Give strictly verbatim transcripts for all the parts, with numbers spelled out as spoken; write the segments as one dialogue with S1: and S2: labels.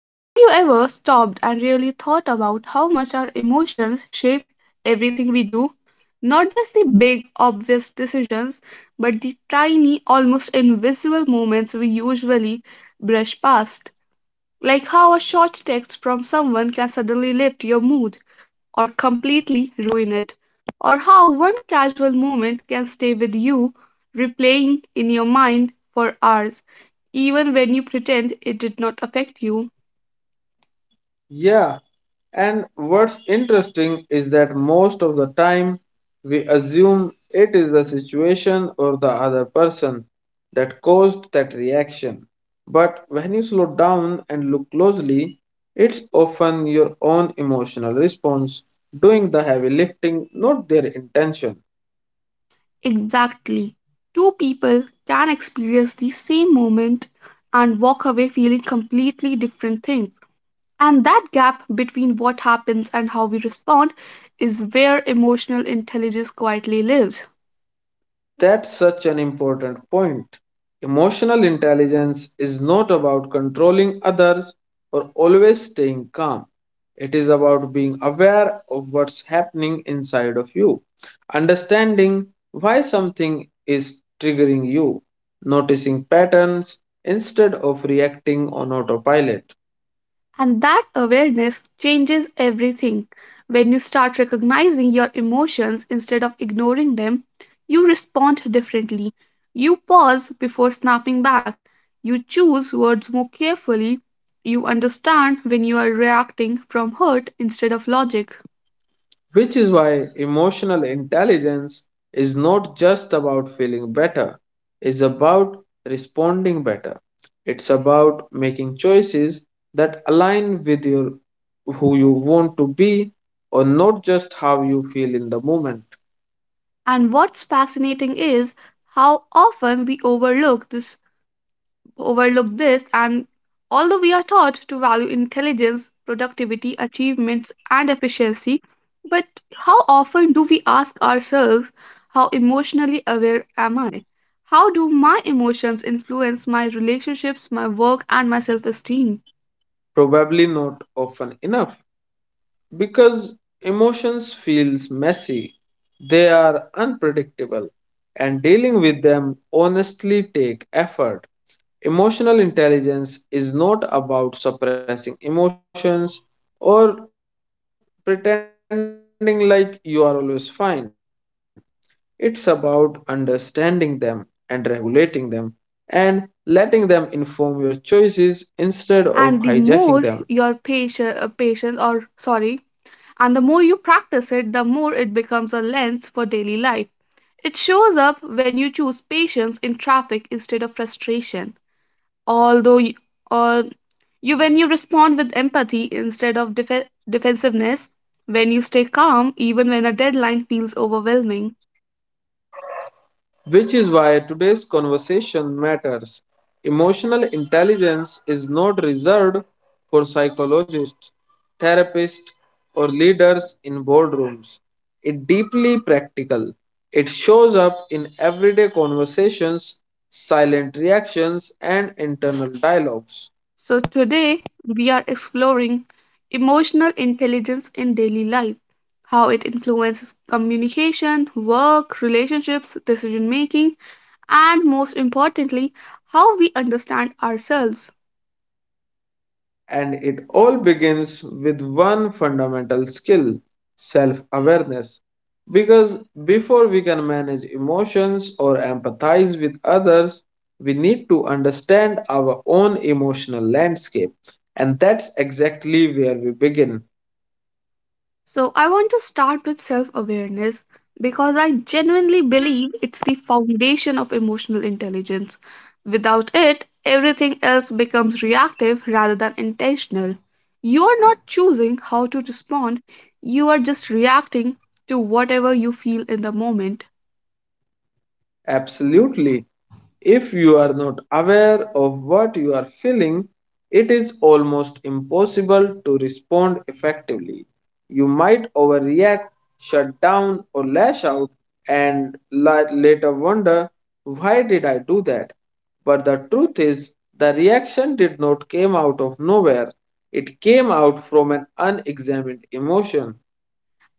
S1: Have you ever stopped and really thought about how much our emotions shape everything we do? Not just the big, obvious decisions, but the tiny, almost invisible moments we usually brush past. Like how a short text from someone can suddenly lift your mood, or completely ruin it, or how one casual moment can stay with you, replaying in your mind for hours, even when you pretend it did not affect you.
S2: Yeah, and what's interesting is that most of the time we assume it is the situation or the other person that caused that reaction. But when you slow down and look closely, it's often your own emotional response doing the heavy lifting, not their intention.
S1: Exactly. Two people can experience the same moment and walk away feeling completely different things. And that gap between what happens and how we respond is where emotional intelligence quietly lives.
S2: That's such an important point. Emotional intelligence is not about controlling others or always staying calm. It is about being aware of what's happening inside of you, understanding why something is triggering you, noticing patterns instead of reacting on autopilot.
S1: And that awareness changes everything. When you start recognizing your emotions instead of ignoring them, you respond differently. You pause before snapping back. You choose words more carefully. You understand when you are reacting from hurt instead of logic.
S2: Which is why emotional intelligence is not just about feeling better, it's about responding better. It's about making choices that align with your who you want to be or not just how you feel in the moment.
S1: And what's fascinating is how often we overlook this overlook this, and although we are taught to value intelligence, productivity, achievements, and efficiency, but how often do we ask ourselves, how emotionally aware am I? How do my emotions influence my relationships, my work, and my self esteem?
S2: Probably not often enough, because emotions feels messy, they are unpredictable, and dealing with them honestly take effort. Emotional intelligence is not about suppressing emotions or pretending like you are always fine. It's about understanding them and regulating them, and letting them inform your choices instead of hijacking them.
S1: And the more your patient, uh, patient or sorry, and the more you practice it, the more it becomes a lens for daily life. It shows up when you choose patience in traffic instead of frustration, although you, uh, you when you respond with empathy instead of def- defensiveness, when you stay calm even when a deadline feels overwhelming.
S2: Which is why today's conversation matters. Emotional intelligence is not reserved for psychologists, therapists, or leaders in boardrooms. It's deeply practical. It shows up in everyday conversations, silent reactions, and internal dialogues.
S1: So today we are exploring emotional intelligence in daily life, how it influences communication, work relationships, decision making, and most importantly, how we understand ourselves.
S2: And it all begins with one fundamental skill, self awareness. Because before we can manage emotions or empathize with others, we need to understand our own emotional landscape. And that's exactly where we begin.
S1: So, I want to start with self awareness because I genuinely believe it's the foundation of emotional intelligence. Without it, everything else becomes reactive rather than intentional. You are not choosing how to respond, you are just reacting to whatever you feel in the moment.
S2: Absolutely. If you are not aware of what you are feeling, it is almost impossible to respond effectively. You might overreact, shut down, or lash out, and la- later wonder, why did I do that? But the truth is, the reaction did not came out of nowhere. It came out from an unexamined emotion.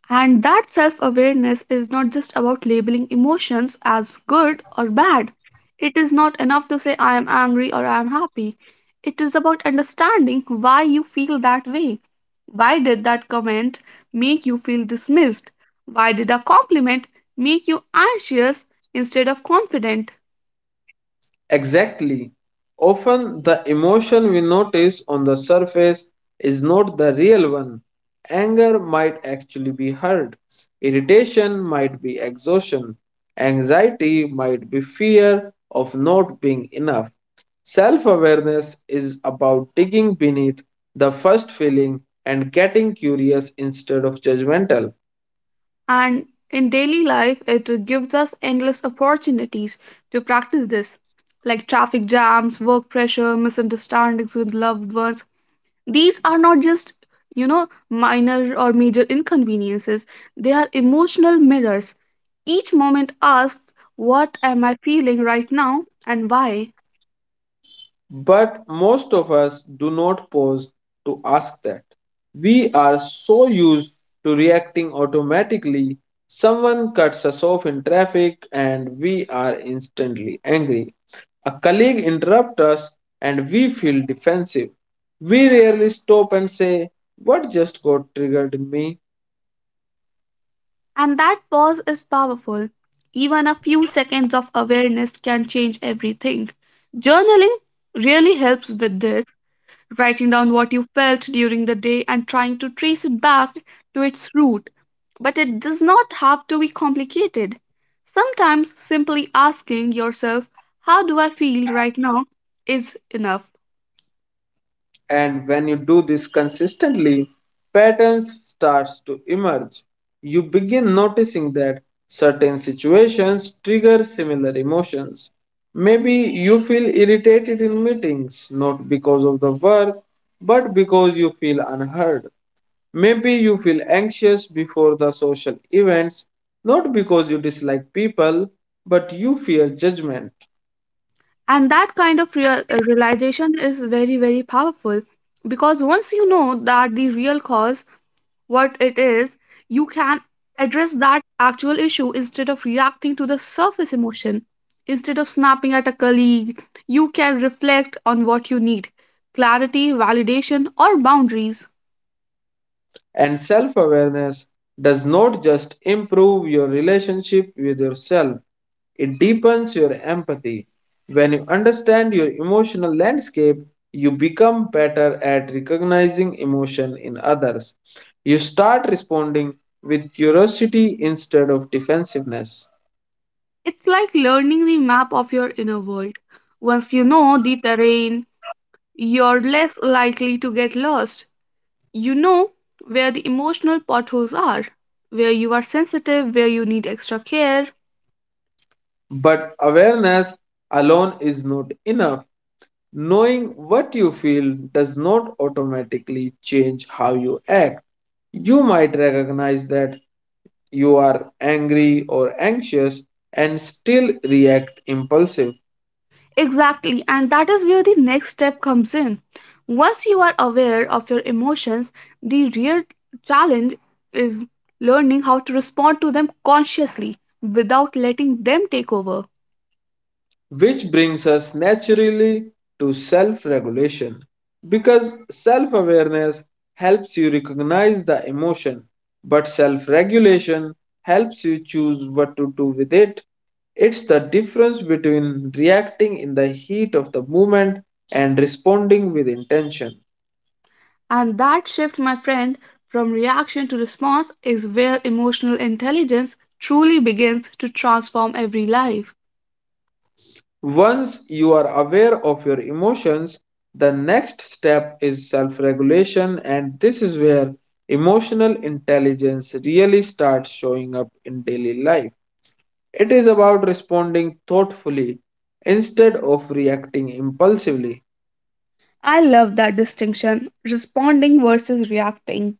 S1: And that self awareness is not just about labeling emotions as good or bad. It is not enough to say I am angry or I am happy. It is about understanding why you feel that way. Why did that comment make you feel dismissed? Why did a compliment make you anxious instead of confident?
S2: Exactly. Often the emotion we notice on the surface is not the real one. Anger might actually be hurt, irritation might be exhaustion, anxiety might be fear of not being enough. Self awareness is about digging beneath the first feeling and getting curious instead of judgmental.
S1: And in daily life, it gives us endless opportunities to practice this, like traffic jams, work pressure, misunderstandings with loved ones. These are not just, you know, minor or major inconveniences, they are emotional mirrors. Each moment asks, what am I feeling right now and why?
S2: But most of us do not pause to ask that. We are so used to reacting automatically. Someone cuts us off in traffic and we are instantly angry. A colleague interrupts us and we feel defensive. We rarely stop and say, what just got triggered in me?
S1: And that pause is powerful. Even a few seconds of awareness can change everything. Journaling really helps with this, writing down what you felt during the day and trying to trace it back to its root. But it does not have to be complicated. Sometimes simply asking yourself, how do I feel right now, is enough.
S2: And when you do this consistently, patterns starts to emerge. You begin noticing that certain situations trigger similar emotions. Maybe you feel irritated in meetings, not because of the work, but because you feel unheard. Maybe you feel anxious before the social events, not because you dislike people, but you fear judgment.
S1: And that kind of real, realization is very, very powerful because once you know that the real cause, what it is, you can address that actual issue instead of reacting to the surface emotion. Instead of snapping at a colleague, you can reflect on what you need: clarity, validation, or boundaries.
S2: And self awareness does not just improve your relationship with yourself, it deepens your empathy. When you understand your emotional landscape, you become better at recognizing emotion in others. You start responding with curiosity instead of defensiveness.
S1: It's like learning the map of your inner world. Once you know the terrain, you're less likely to get lost. You know where the emotional potholes are, where you are sensitive, where you need extra care.
S2: But awareness alone is not enough. Knowing what you feel does not automatically change how you act. You might recognize that you are angry or anxious and still react impulsive,
S1: Exactly, and that is where the next step comes in. Once you are aware of your emotions, the real challenge is learning how to respond to them consciously without letting them take over.
S2: which brings us naturally to self regulation, because self awareness helps you recognize the emotion, but self regulation helps you choose what to do with it. It's the difference between reacting in the heat of the moment and responding with intention.
S1: And that shift, my friend, from reaction to response is where emotional intelligence truly begins to transform every life.
S2: Once you are aware of your emotions, the next step is self regulation, and this is where emotional intelligence really starts showing up in daily life. It is about responding thoughtfully instead of reacting impulsively.
S1: I love that distinction, responding versus reacting.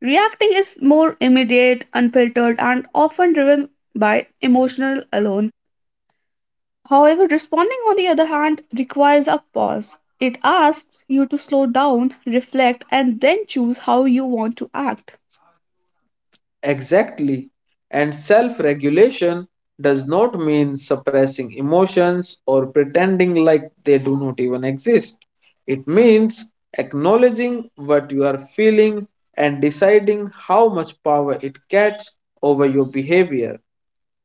S1: Reacting is more immediate, unfiltered, and often driven by emotional alone. However, responding, on the other hand, requires a pause. It asks you to slow down, reflect, and then choose how you want to act.
S2: Exactly. And self regulation does not mean suppressing emotions or pretending like they do not even exist. It means acknowledging what you are feeling and deciding how much power it gets over your behavior.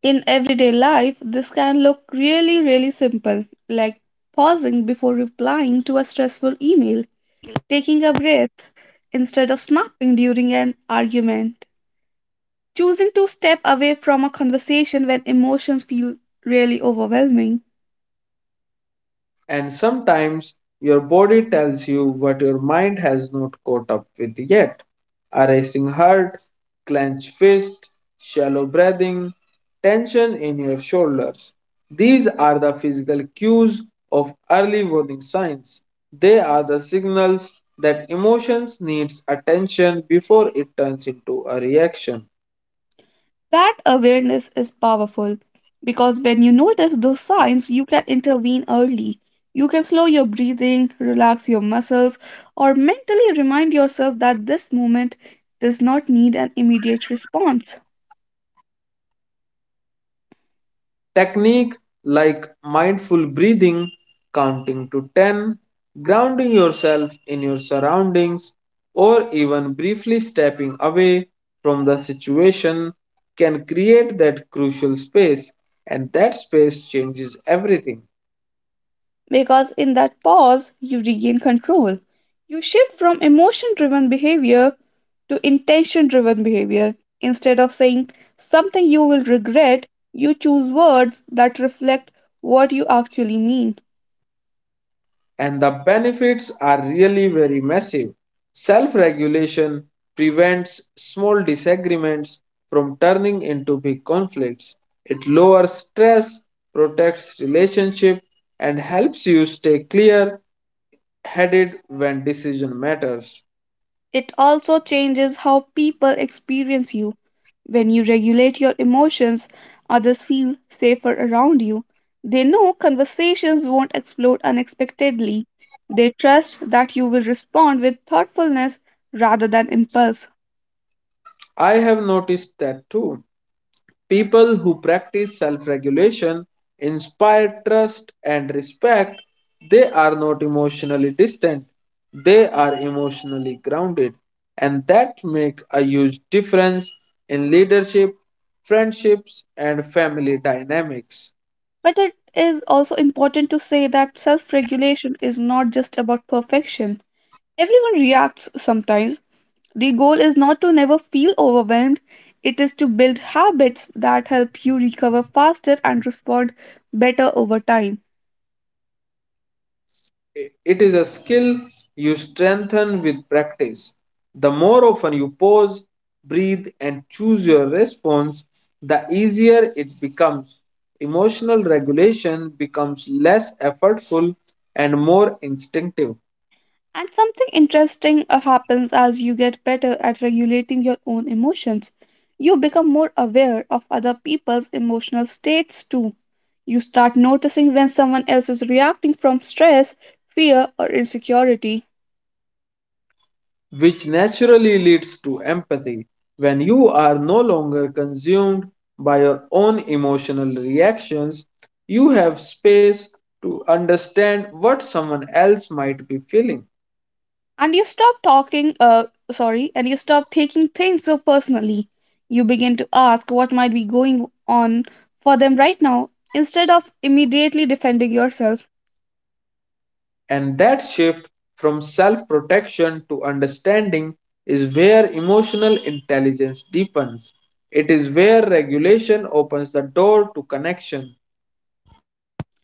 S1: In everyday life, this can look really, really simple, like pausing before replying to a stressful email, taking a breath instead of snapping during an argument, choosing to step away from a conversation when emotions feel really overwhelming.
S2: And sometimes your body tells you what your mind has not caught up with yet. A racing heart, clenched fist, shallow breathing, tension in your shoulders. These are the physical cues of early warning signs. They are the signals that emotions needs attention before it turns into a reaction.
S1: That awareness is powerful because when you notice those signs, you can intervene early. You can slow your breathing, relax your muscles, or mentally remind yourself that this moment does not need an immediate response.
S2: Technique like mindful breathing, counting to ten, grounding yourself in your surroundings, or even briefly stepping away from the situation can create that crucial space, and that space changes everything.
S1: Because in that pause, you regain control. You shift from emotion driven behavior to intention driven behavior. Instead of saying something you will regret, you choose words that reflect what you actually mean.
S2: And the benefits are really very massive. Self regulation prevents small disagreements from turning into big conflicts. It lowers stress, protects relationship, and helps you stay clear headed when decision matters.
S1: It also changes how people experience you. When you regulate your emotions, others feel safer around you. They know conversations won't explode unexpectedly. They trust that you will respond with thoughtfulness rather than impulse.
S2: I have noticed that too. People who practice self regulation inspire trust and respect. They are not emotionally distant, they are emotionally grounded, and that makes a huge difference in leadership, friendships, and family dynamics.
S1: But it is also important to say that self regulation is not just about perfection. Everyone reacts sometimes. The goal is not to never feel overwhelmed, it is to build habits that help you recover faster and respond better over time.
S2: It is a skill you strengthen with practice. The more often you pause, breathe, and choose your response, the easier it becomes. Emotional regulation becomes less effortful and more instinctive,
S1: And something interesting uh, happens as you get better at regulating your own emotions. You become more aware of other people's emotional states too. You start noticing when someone else is reacting from stress, fear, or insecurity.
S2: which naturally leads to empathy. When you are no longer consumed by your own emotional reactions, you have space to understand what someone else might be feeling.
S1: And you stop talking, uh, sorry, and you stop taking things so personally. You begin to ask what might be going on for them right now instead of immediately defending yourself.
S2: And that shift from self protection to understanding is where emotional intelligence deepens. It is where regulation opens the door to connection.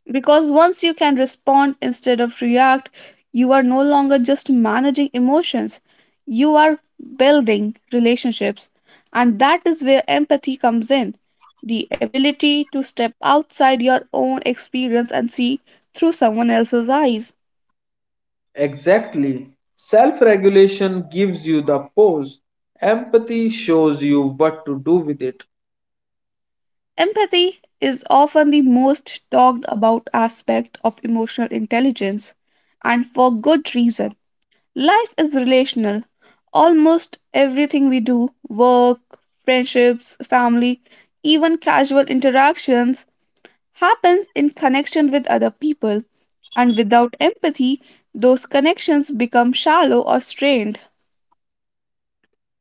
S1: Because once you can respond instead of react, you are no longer just managing emotions, you are building relationships. And that is where empathy comes in, the ability to step outside your own experience and see through someone else's eyes.
S2: Exactly. Self regulation gives you the pause, empathy shows you what to do with it.
S1: Empathy is often the most talked about aspect of emotional intelligence, and for good reason. Life is relational. Almost everything we do, work, friendships, family, even casual interactions, happens in connection with other people. And without empathy, those connections become shallow or strained.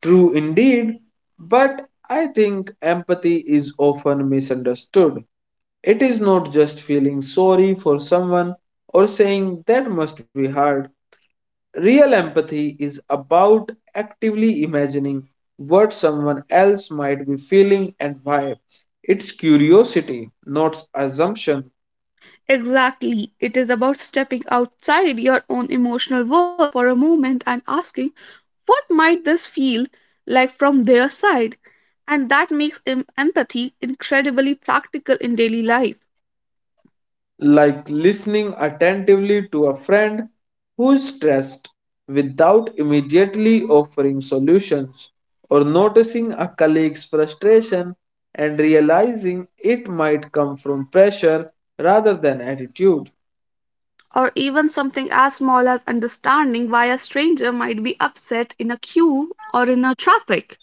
S2: True indeed, but I think empathy is often misunderstood. It is not just feeling sorry for someone or saying that must be hard. Real empathy is about actively imagining what someone else might be feeling and why. It's curiosity, not assumption,
S1: Exactly. It is about stepping outside your own emotional world for a moment and asking, what might this feel like from their side? And that makes em- empathy incredibly practical in daily life.
S2: like listening attentively to a friend who is stressed without immediately offering solutions, or noticing a colleague's frustration and realizing it might come from pressure rather than attitude.
S1: Or even something as small as understanding why a stranger might be upset in a queue or in a traffic.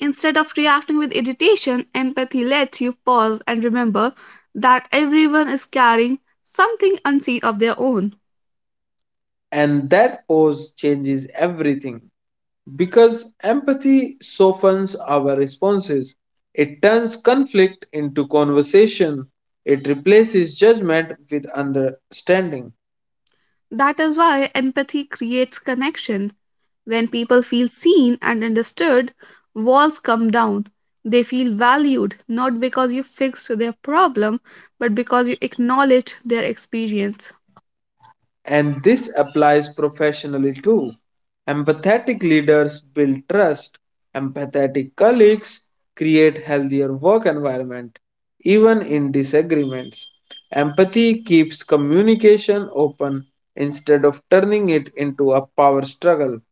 S1: Instead of reacting with irritation, empathy lets you pause and remember that everyone is carrying something unseen of their own.
S2: And that pause changes everything, because empathy softens our responses. It turns conflict into conversation. It replaces judgment with understanding.
S1: That is why empathy creates connection. When people feel seen and understood, walls come down. They feel valued not because you fixed their problem, but because you acknowledged their experience.
S2: And this applies professionally too. Empathetic leaders build trust, empathetic colleagues create healthier work environment, even in disagreements. Empathy keeps communication open instead of turning it into a power struggle.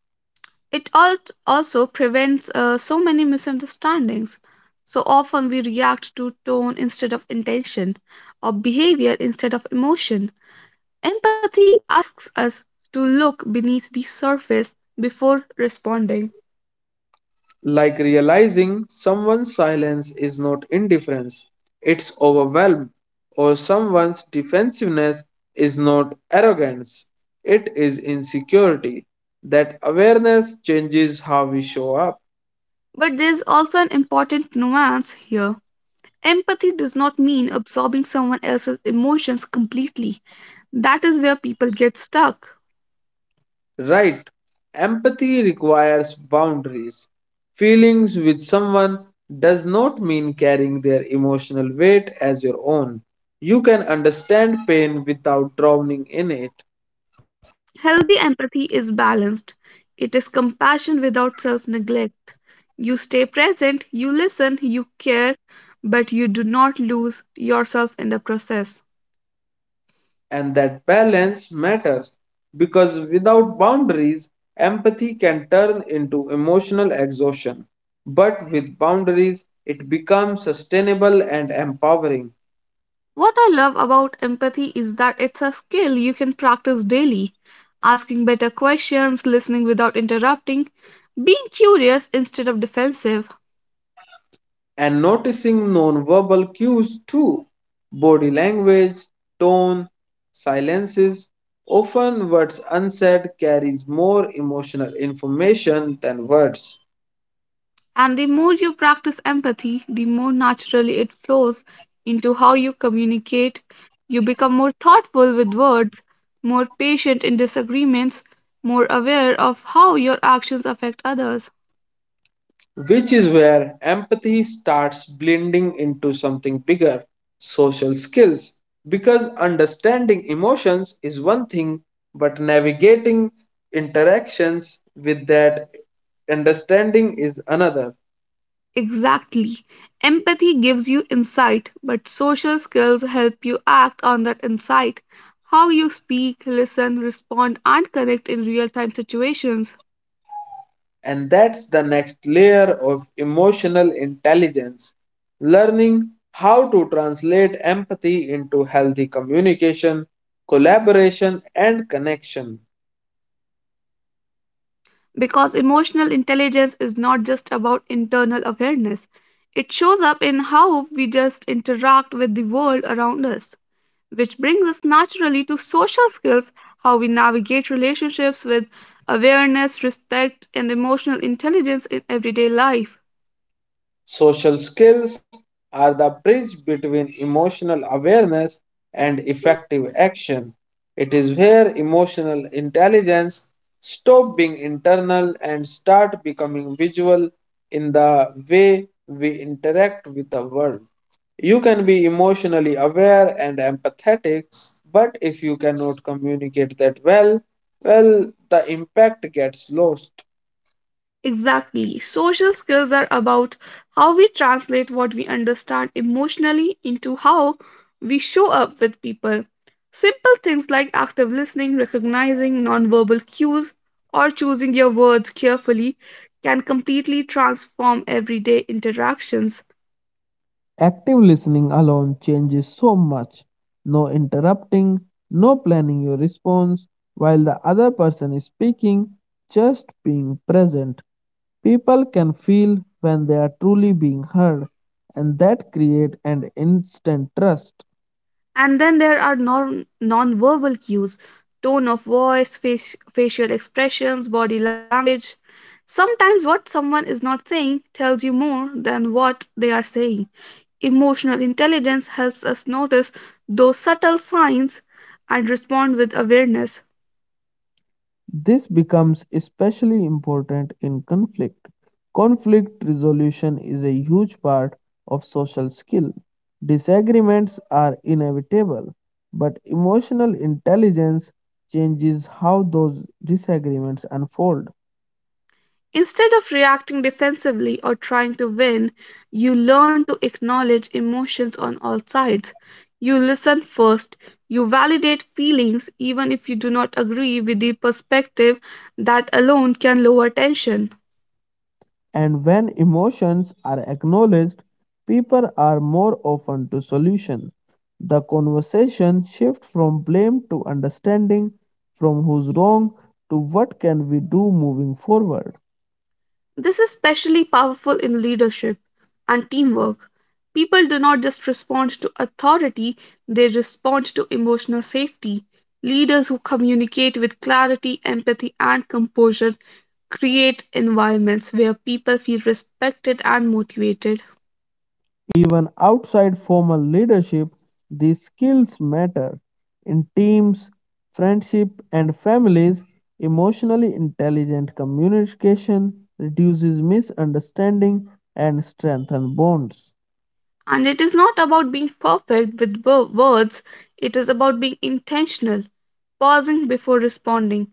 S1: It al- also prevents uh, so many misunderstandings. So often we react to tone instead of intention, or behavior instead of emotion. Empathy asks us to look beneath the surface before responding.
S2: Like realizing someone's silence is not indifference, it's overwhelm, or someone's defensiveness is not arrogance, it is insecurity. That awareness changes how we show up.
S1: But there's also an important nuance here. Empathy does not mean absorbing someone else's emotions completely. That is where people get stuck.
S2: Right. Empathy requires boundaries. Feelings with someone does not mean carrying their emotional weight as your own. You can understand pain without drowning in it.
S1: Healthy empathy is balanced, it is compassion without self neglect. You stay present, you listen, you care, but you do not lose yourself in the process.
S2: And that balance matters, because without boundaries, empathy can turn into emotional exhaustion. But with boundaries, it becomes sustainable and empowering.
S1: What I love about empathy is that it's a skill you can practice daily. Asking better questions, listening without interrupting, being curious instead of defensive.
S2: And noticing non-verbal cues too, body language, tone, silences, often words unsaid carries more emotional information than words.
S1: And the more you practice empathy, the more naturally it flows into how you communicate. You become more thoughtful with words, more patient in disagreements, more aware of how your actions affect others.
S2: Which is where empathy starts blending into something bigger, social skills. Because understanding emotions is one thing, but navigating interactions with that understanding is another.
S1: Exactly. Empathy gives you insight, but social skills help you act on that insight. How you speak, listen, respond, and connect in real time situations.
S2: And that's the next layer of emotional intelligence, learning how to translate empathy into healthy communication, collaboration, and connection.
S1: Because emotional intelligence is not just about internal awareness, it shows up in how we just interact with the world around us. Which brings us naturally to social skills, how we navigate relationships with awareness, respect, and emotional intelligence in everyday life.
S2: Social skills are the bridge between emotional awareness and effective action. It is where emotional intelligence stop being internal and start becoming visual in the way we interact with the world. You can be emotionally aware and empathetic, but if you cannot communicate that well, well, the impact gets lost.
S1: Exactly. Social skills are about how we translate what we understand emotionally into how we show up with people. Simple things like active listening, recognizing nonverbal cues, or choosing your words carefully can completely transform everyday interactions.
S2: Active listening alone changes so much. No interrupting, no planning your response while the other person is speaking, just being present. People can feel when they are truly being heard, and that creates an instant trust.
S1: And then there are non non-verbal cues, tone of voice, face, facial expressions, body language. Sometimes what someone is not saying tells you more than what they are saying. Emotional intelligence helps us notice those subtle signs and respond with awareness.
S2: This becomes especially important in conflict. Conflict resolution is a huge part of social skill. Disagreements are inevitable, but emotional intelligence changes how those disagreements unfold.
S1: Instead of reacting defensively or trying to win, you learn to acknowledge emotions on all sides. You listen first. You validate feelings even if you do not agree with the perspective, that alone can lower tension.
S2: And when emotions are acknowledged, people are more open to solution. The conversation shifts from blame to understanding, from who's wrong to what can we do moving forward.
S1: This is especially powerful in leadership and teamwork. People do not just respond to authority, they respond to emotional safety. Leaders who communicate with clarity, empathy, and composure create environments where people feel respected and motivated.
S2: Even outside formal leadership, these skills matter. In teams, friendship, and families, emotionally intelligent communication reduces misunderstanding and strengthens bonds.
S1: And it is not about being perfect with wo- words, it is about being intentional, pausing before responding,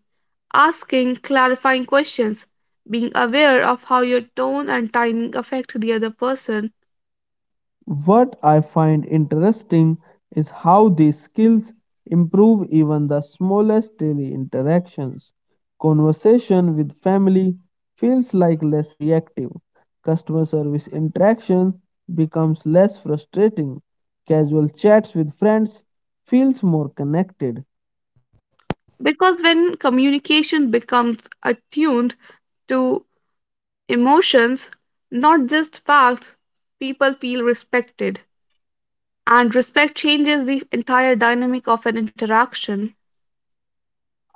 S1: asking clarifying questions, being aware of how your tone and timing affect the other person.
S2: What I find interesting is how these skills improve even the smallest daily interactions. Conversation with family feels like less reactive. Customer service interaction becomes less frustrating. Casual chats with friends feels more connected.
S1: Because when communication becomes attuned to emotions, not just facts, people feel respected. And respect changes the entire dynamic of an interaction.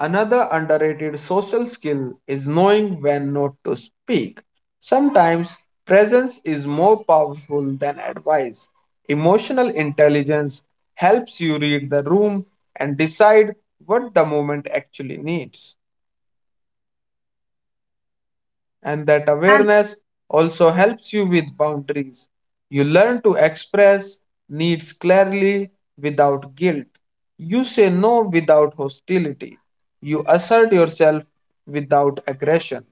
S2: Another underrated social skill is knowing when not to speak. Sometimes presence is more powerful than advice. Emotional intelligence helps you read the room and decide what the moment actually needs, and that
S1: And
S2: awareness also helps you with boundaries. You learn to express needs clearly without guilt. You say no without hostility. You assert yourself without aggression,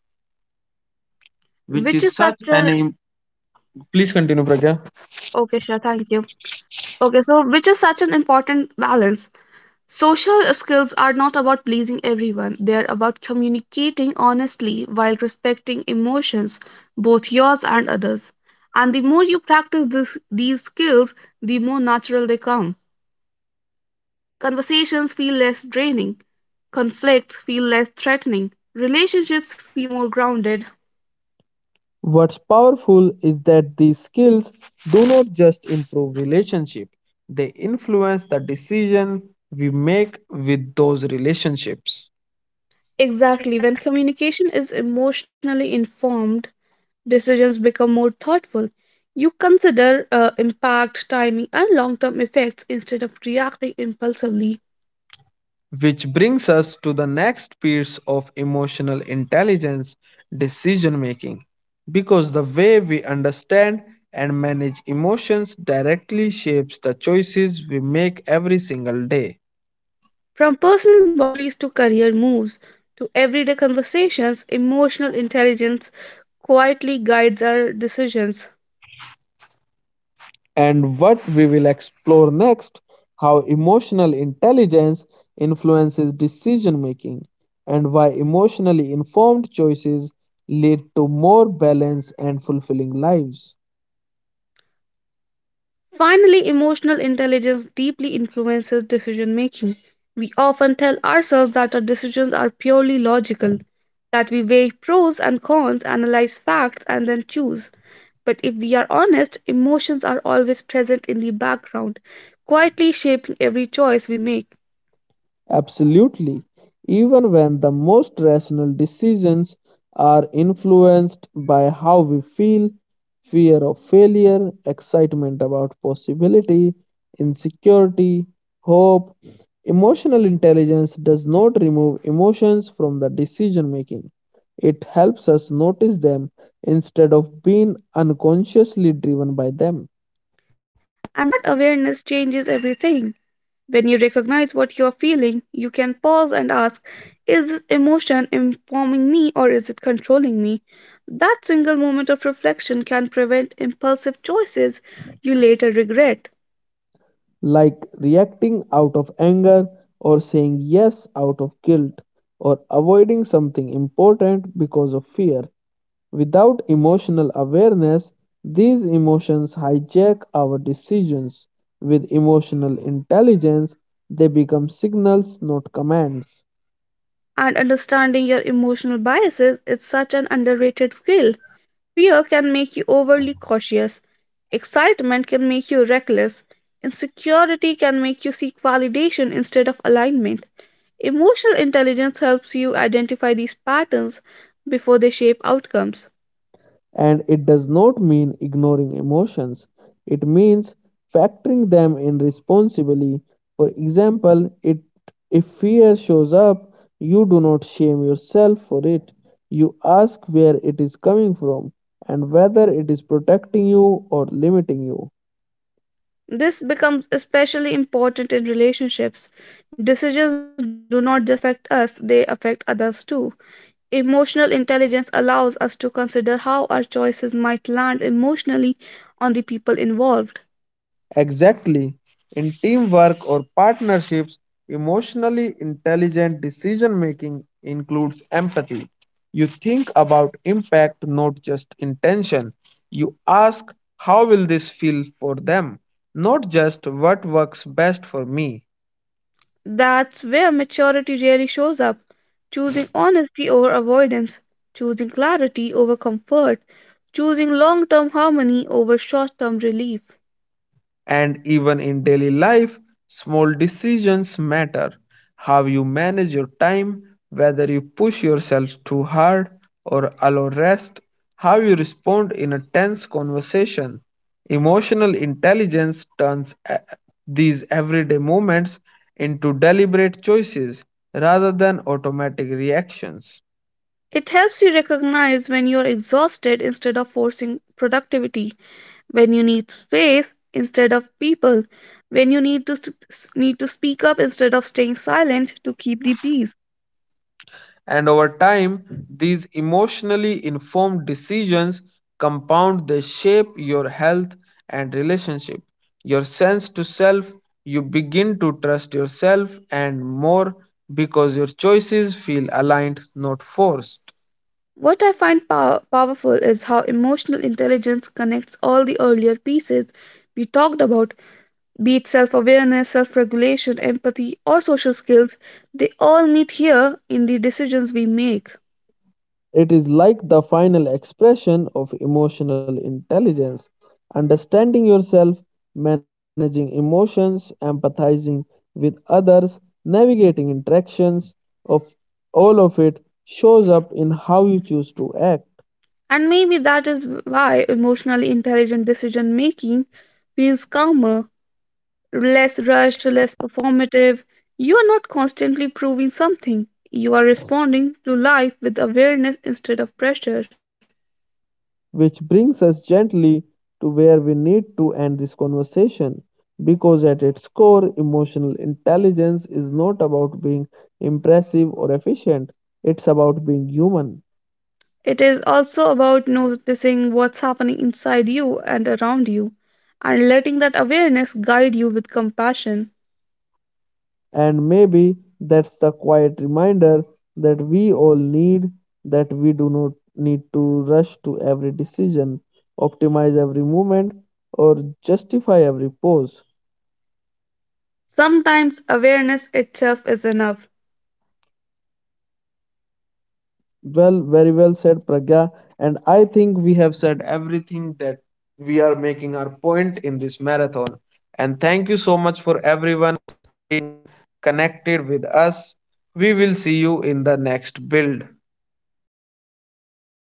S2: which
S1: which is
S2: is such
S1: such a.
S2: an. Im- Please continue, Pragya.
S1: Okay, sure, thank you. Okay, so which is such an important balance. Social skills are not about pleasing everyone, they are about communicating honestly while respecting emotions, both yours and others. And the more you practice this, these skills, the more natural they come. Conversations feel less draining, conflicts feel less threatening, relationships feel more grounded.
S2: What's powerful is that these skills do not just improve relationship, they influence the decision we make with those relationships.
S1: Exactly. When communication is emotionally informed, decisions become more thoughtful. You consider uh, impact, timing, and long term effects instead of reacting impulsively.
S2: Which brings us to the next piece of emotional intelligence, decision making. Because the way we understand and manage emotions directly shapes the choices we make every single day.
S1: From personal boundaries to career moves to everyday conversations, emotional intelligence quietly guides our decisions.
S2: And what we will explore next, how emotional intelligence influences decision making, and why emotionally informed choices lead to more balanced and fulfilling lives.
S1: Finally, emotional intelligence deeply influences decision making. We often tell ourselves that our decisions are purely logical, that we weigh pros and cons, analyze facts, and then choose. But if we are honest, emotions are always present in the background, quietly shaping every choice we make.
S2: Absolutely. Even when the most rational decisions are influenced by how we feel, fear of failure, excitement about possibility, insecurity, hope. Emotional intelligence does not remove emotions from the decision making. It helps us notice them instead of being unconsciously driven by them.
S1: And that awareness changes everything. When you recognize what you're feeling, you can pause and ask, is this emotion informing me or is it controlling me? That single moment of reflection can prevent impulsive choices you later regret.
S2: Like reacting out of anger or saying yes out of guilt or avoiding something important because of fear. Without emotional awareness, these emotions hijack our decisions. With emotional intelligence, they become signals, not commands.
S1: And understanding your emotional biases is such an underrated skill. Fear can make you overly cautious, excitement can make you reckless, insecurity can make you seek validation instead of alignment. Emotional intelligence helps you identify these patterns before they shape outcomes.
S2: And it does not mean ignoring emotions, it means factoring them in responsibly. For example, it, if fear shows up, you do not shame yourself for it. You ask where it is coming from and whether it is protecting you or limiting you.
S1: This becomes especially important in relationships. Decisions do not just affect us, they affect others too. Emotional intelligence allows us to consider how our choices might land emotionally on the people involved.
S2: Exactly. In teamwork or partnerships, emotionally intelligent decision making includes empathy. You think about impact, not just intention. You ask, how will this feel for them, not just what works best for me.
S1: That's where maturity really shows up, choosing honesty over avoidance, choosing clarity over comfort, choosing long term harmony over short term relief.
S2: And even in daily life, small decisions matter. How you manage your time, whether you push yourself too hard or allow rest, how you respond in a tense conversation. Emotional intelligence turns e- these everyday moments into deliberate choices rather than automatic reactions.
S1: It helps you recognize when you're exhausted instead of forcing productivity, when you need space instead of people, when you need to, need to speak up instead of staying silent to keep the peace.
S2: And over time, these emotionally informed decisions compound, they shape your health and relationship, your sense to self. You begin to trust yourself and more because your choices feel aligned, not forced.
S1: What I find pow- powerful is how emotional intelligence connects all the earlier pieces we talked about, be it self awareness, self regulation, empathy, or social skills, they all meet here in the decisions we make.
S2: It is like the final expression of emotional intelligence, understanding yourself, managing emotions, empathizing with others, navigating interactions of all of it shows up in how you choose to act,
S1: And maybe that is why emotionally intelligent decision making feels calmer, less rushed, less performative. You are not constantly proving something, you are responding to life with awareness instead of pressure.
S2: which brings us gently to where we need to end this conversation, because at its core emotional intelligence is not about being impressive or efficient, it's about being human.
S1: It is also about noticing what's happening inside you and around you and letting that awareness guide you with compassion.
S2: And maybe that's the quiet reminder that we all need, that we do not need to rush to every decision, optimize every movement, or justify every pose.
S1: Sometimes awareness itself is enough.
S2: Well, very well said, Pragya. And I think we have said everything that we are making our point in this marathon. And thank you so much for everyone connected with us. We will see you in the next build.
S1: Thank